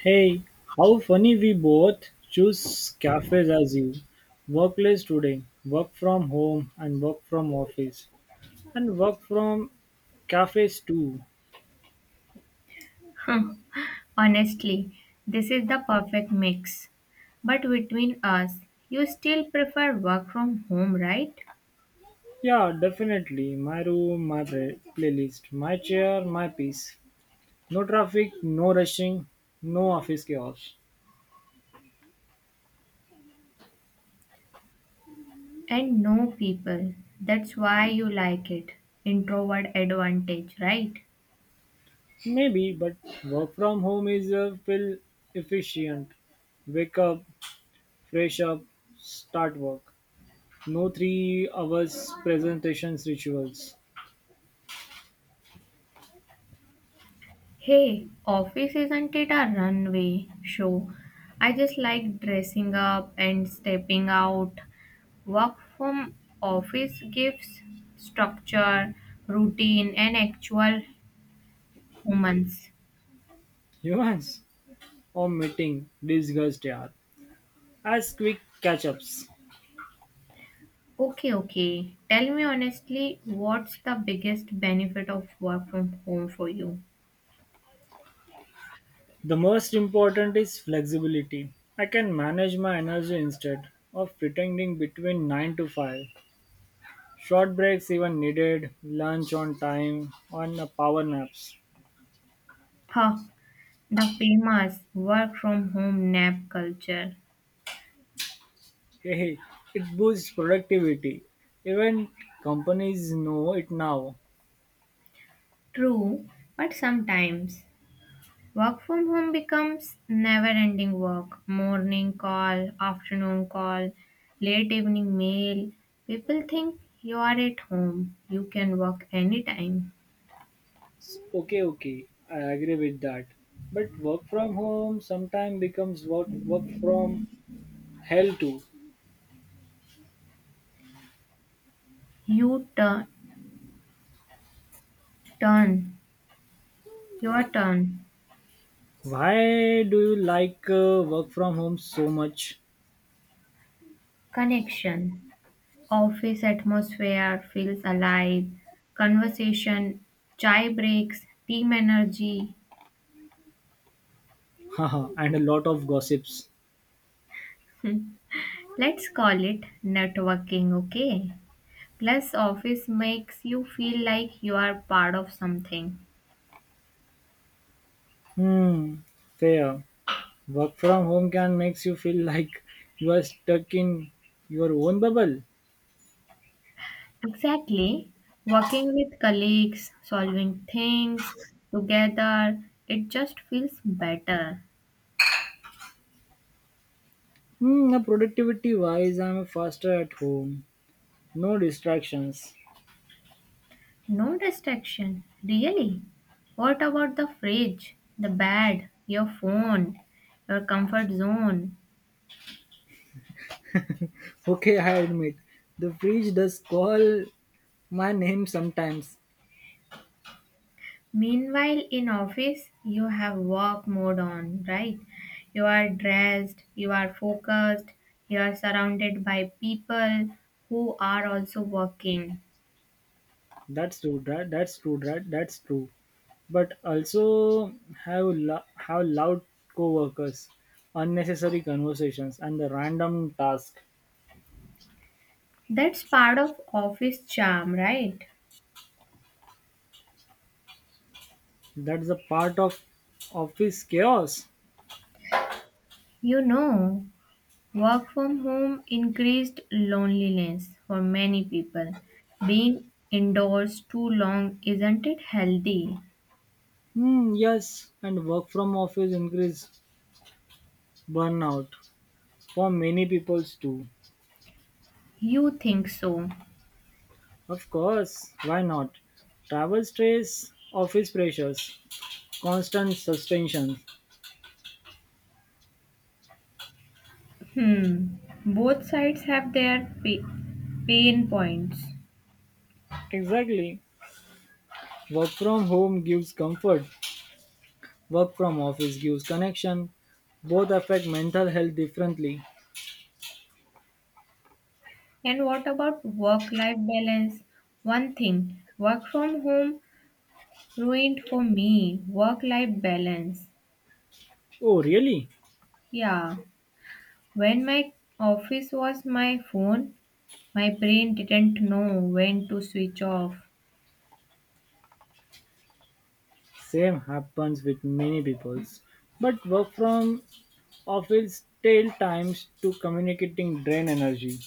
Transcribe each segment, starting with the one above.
Hey, how funny we both choose cafes as you. Workplace today, work from home and work from office and work from cafes too. Hmm, Honestly, this is the perfect mix. But between us, you still prefer work from home, right? Yeah, definitely. My room, my playlist, my chair, my peace. No traffic, no rushing, no office chaos. And no people. That's why you like it. Introvert advantage, right? Maybe, but work from home is feel efficient. Wake up, fresh up, start work. No 3 hours presentations rituals. Hey, office isn't it a runway show? I just like dressing up and stepping out. Work from office gives structure, routine, and actual humans. Humans are meeting discussed here as quick catch-ups. Okay, okay. Tell me honestly, what's the biggest benefit of work from home for you? The most important is flexibility. I can manage my energy instead of pretending between 9 to 5. Short breaks even needed, lunch on time, on a power naps. Huh, the famous work from home nap culture. Hey, hey, it boosts productivity. Even companies know it now. True, but sometimes work from home becomes never ending work. Morning call, afternoon call, late evening mail. People think you are at home. You can work anytime. Okay, okay, I agree with that. But work from home sometimes becomes work from hell too. You turn, turn, your turn, Why do you like work from home so much? connection. Office atmosphere feels alive. Conversation, chai breaks, team energy. Haha, and a lot of gossips. Let's call it networking, okay? Plus, office makes you feel like you are part of something. Hmm, fair. Work from home can makes you feel like you are stuck in your own bubble. Exactly. Working with colleagues, solving things together, it just feels better. Hmm, now productivity wise, I'm faster at home. No distractions. No distraction, really? What about the fridge, the bed, your phone, your comfort zone? Okay, I admit. The fridge does call my name sometimes. Meanwhile, in office, you have work mode on, right? You are dressed, you are focused, you are surrounded by people who are also working. That's true, right? That's true, right? That's true, but also have have loud co-workers unnecessary conversations and the random task, That's part of office charm, right? that's a part of office chaos. You know, work from home increased loneliness for many people. Being indoors too long isn't it healthy? Hmm, yes, and work from office increase burnout for many peoples too. You think so? Of course, why not? Travel stress, office pressures, constant suspensions. Hmm. Both sides have their pain points. Exactly, work from home gives comfort. Work from office gives connection. Both affect mental health differently. And what about work life balance? One thing work from home ruined for me work life balance. Oh, really? Yeah, when my office was my phone, my brain didn't know when to switch off. Same happens with many peoples. But work from office tail times to communicating drain energy.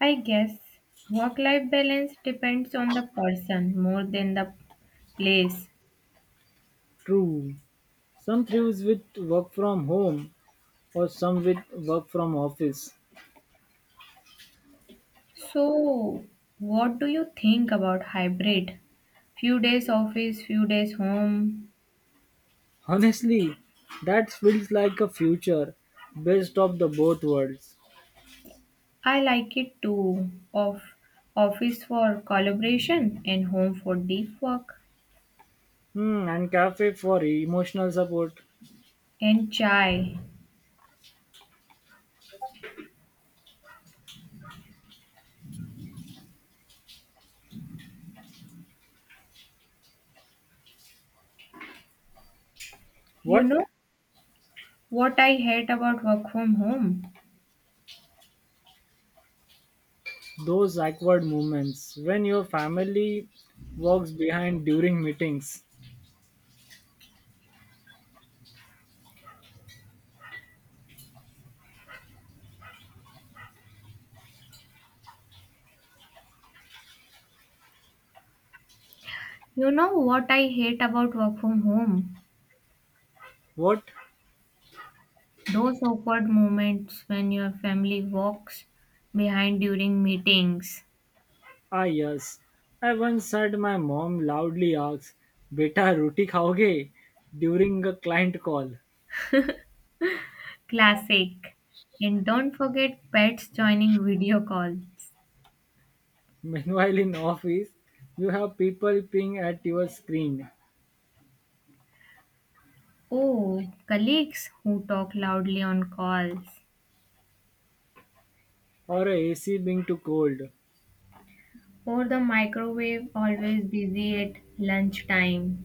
I guess work life balance depends on the person more than the place. True. Some thrives with work from home or some with work from office. So, what do you think about hybrid? Few days office, few days home. Honestly, that feels like a future. Best of the both worlds. I like it too. Of office for collaboration and home for deep work Hmm, and cafe for emotional support. and chai. You What? know what I hate about work from home? Those awkward moments when your family walks behind during meetings. You know what I hate about work from home? What? Those awkward moments when your family walks behind during meetings. Are yours? I once heard my mom loudly ask, Beta, roti khaoge? During a client call. Classic. And don't forget pets joining video calls. Meanwhile, in office, you have people peeing at your screen Oh, colleagues who talk loudly on calls. or a AC being too cold. Or the microwave always busy at lunchtime.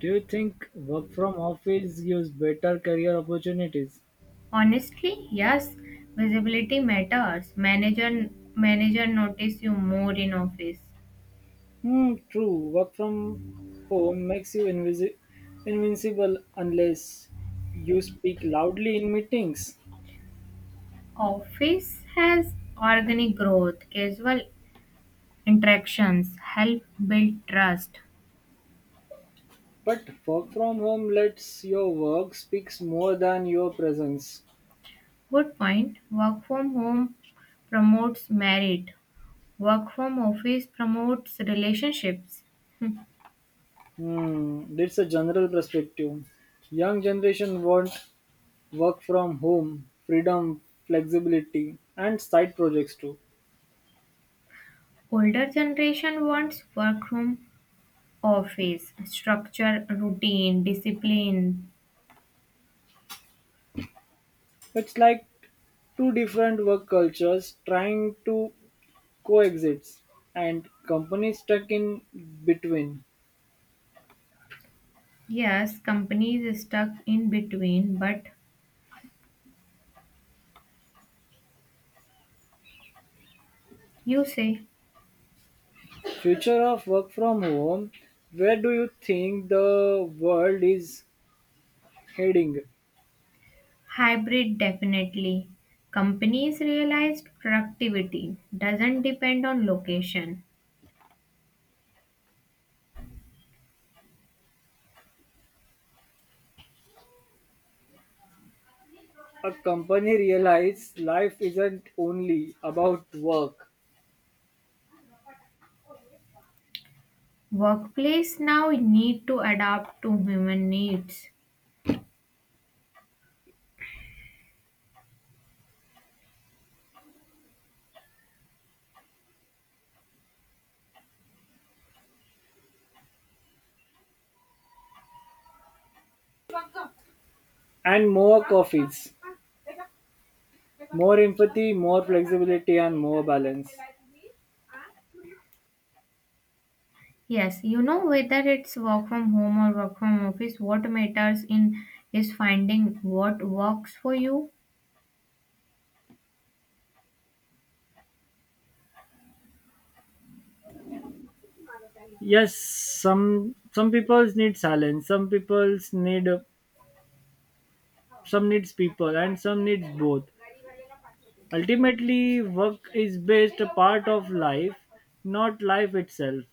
Do you think work from office gives better career opportunities? Honestly, yes, visibility matters. Manager notice you more in office. Hmm, true. Work from home makes you invincible unless you speak loudly in meetings. Office has organic growth, casual interactions help build trust. But work from home lets your work speaks more than your presence. Good point. Work from home promotes merit. Work from office promotes relationships. Hmm. Hmm, that's a general perspective. Young generation want work from home, freedom, flexibility, and side projects too. Older generation wants work from office structure, routine, discipline. It's like two different work cultures trying to coexists and companies stuck in between. Yes, companies stuck in between, but you say Future of work from home, where do you think the world is heading? hybrid definitely. Companies realized productivity doesn't depend on location. A company realizes life isn't only about work Workplace now need to adapt to human needs. and more coffees, more empathy, more flexibility, and more balance. Yes, you know, whether it's work from home or work from office, what matters in is finding what works for you. Yes, some people need silence, some people need, some needs people, and some needs both. Ultimately, work is best a part of life, not life itself.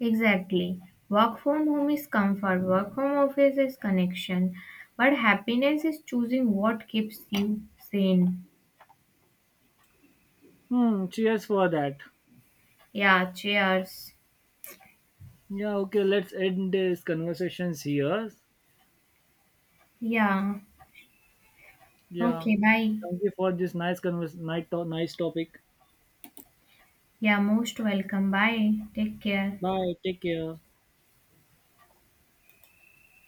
Exactly. Work from home is comfort, work from office is connection, but happiness is choosing what keeps you sane. Hmm, cheers for that. Yeah, cheers. Yeah, okay, let's end this conversations here. Yeah. Yeah. Okay, bye. Thank you for this nice convers nice, to- nice topic. Yeah, most welcome. Bye. Take care. Bye. Take care.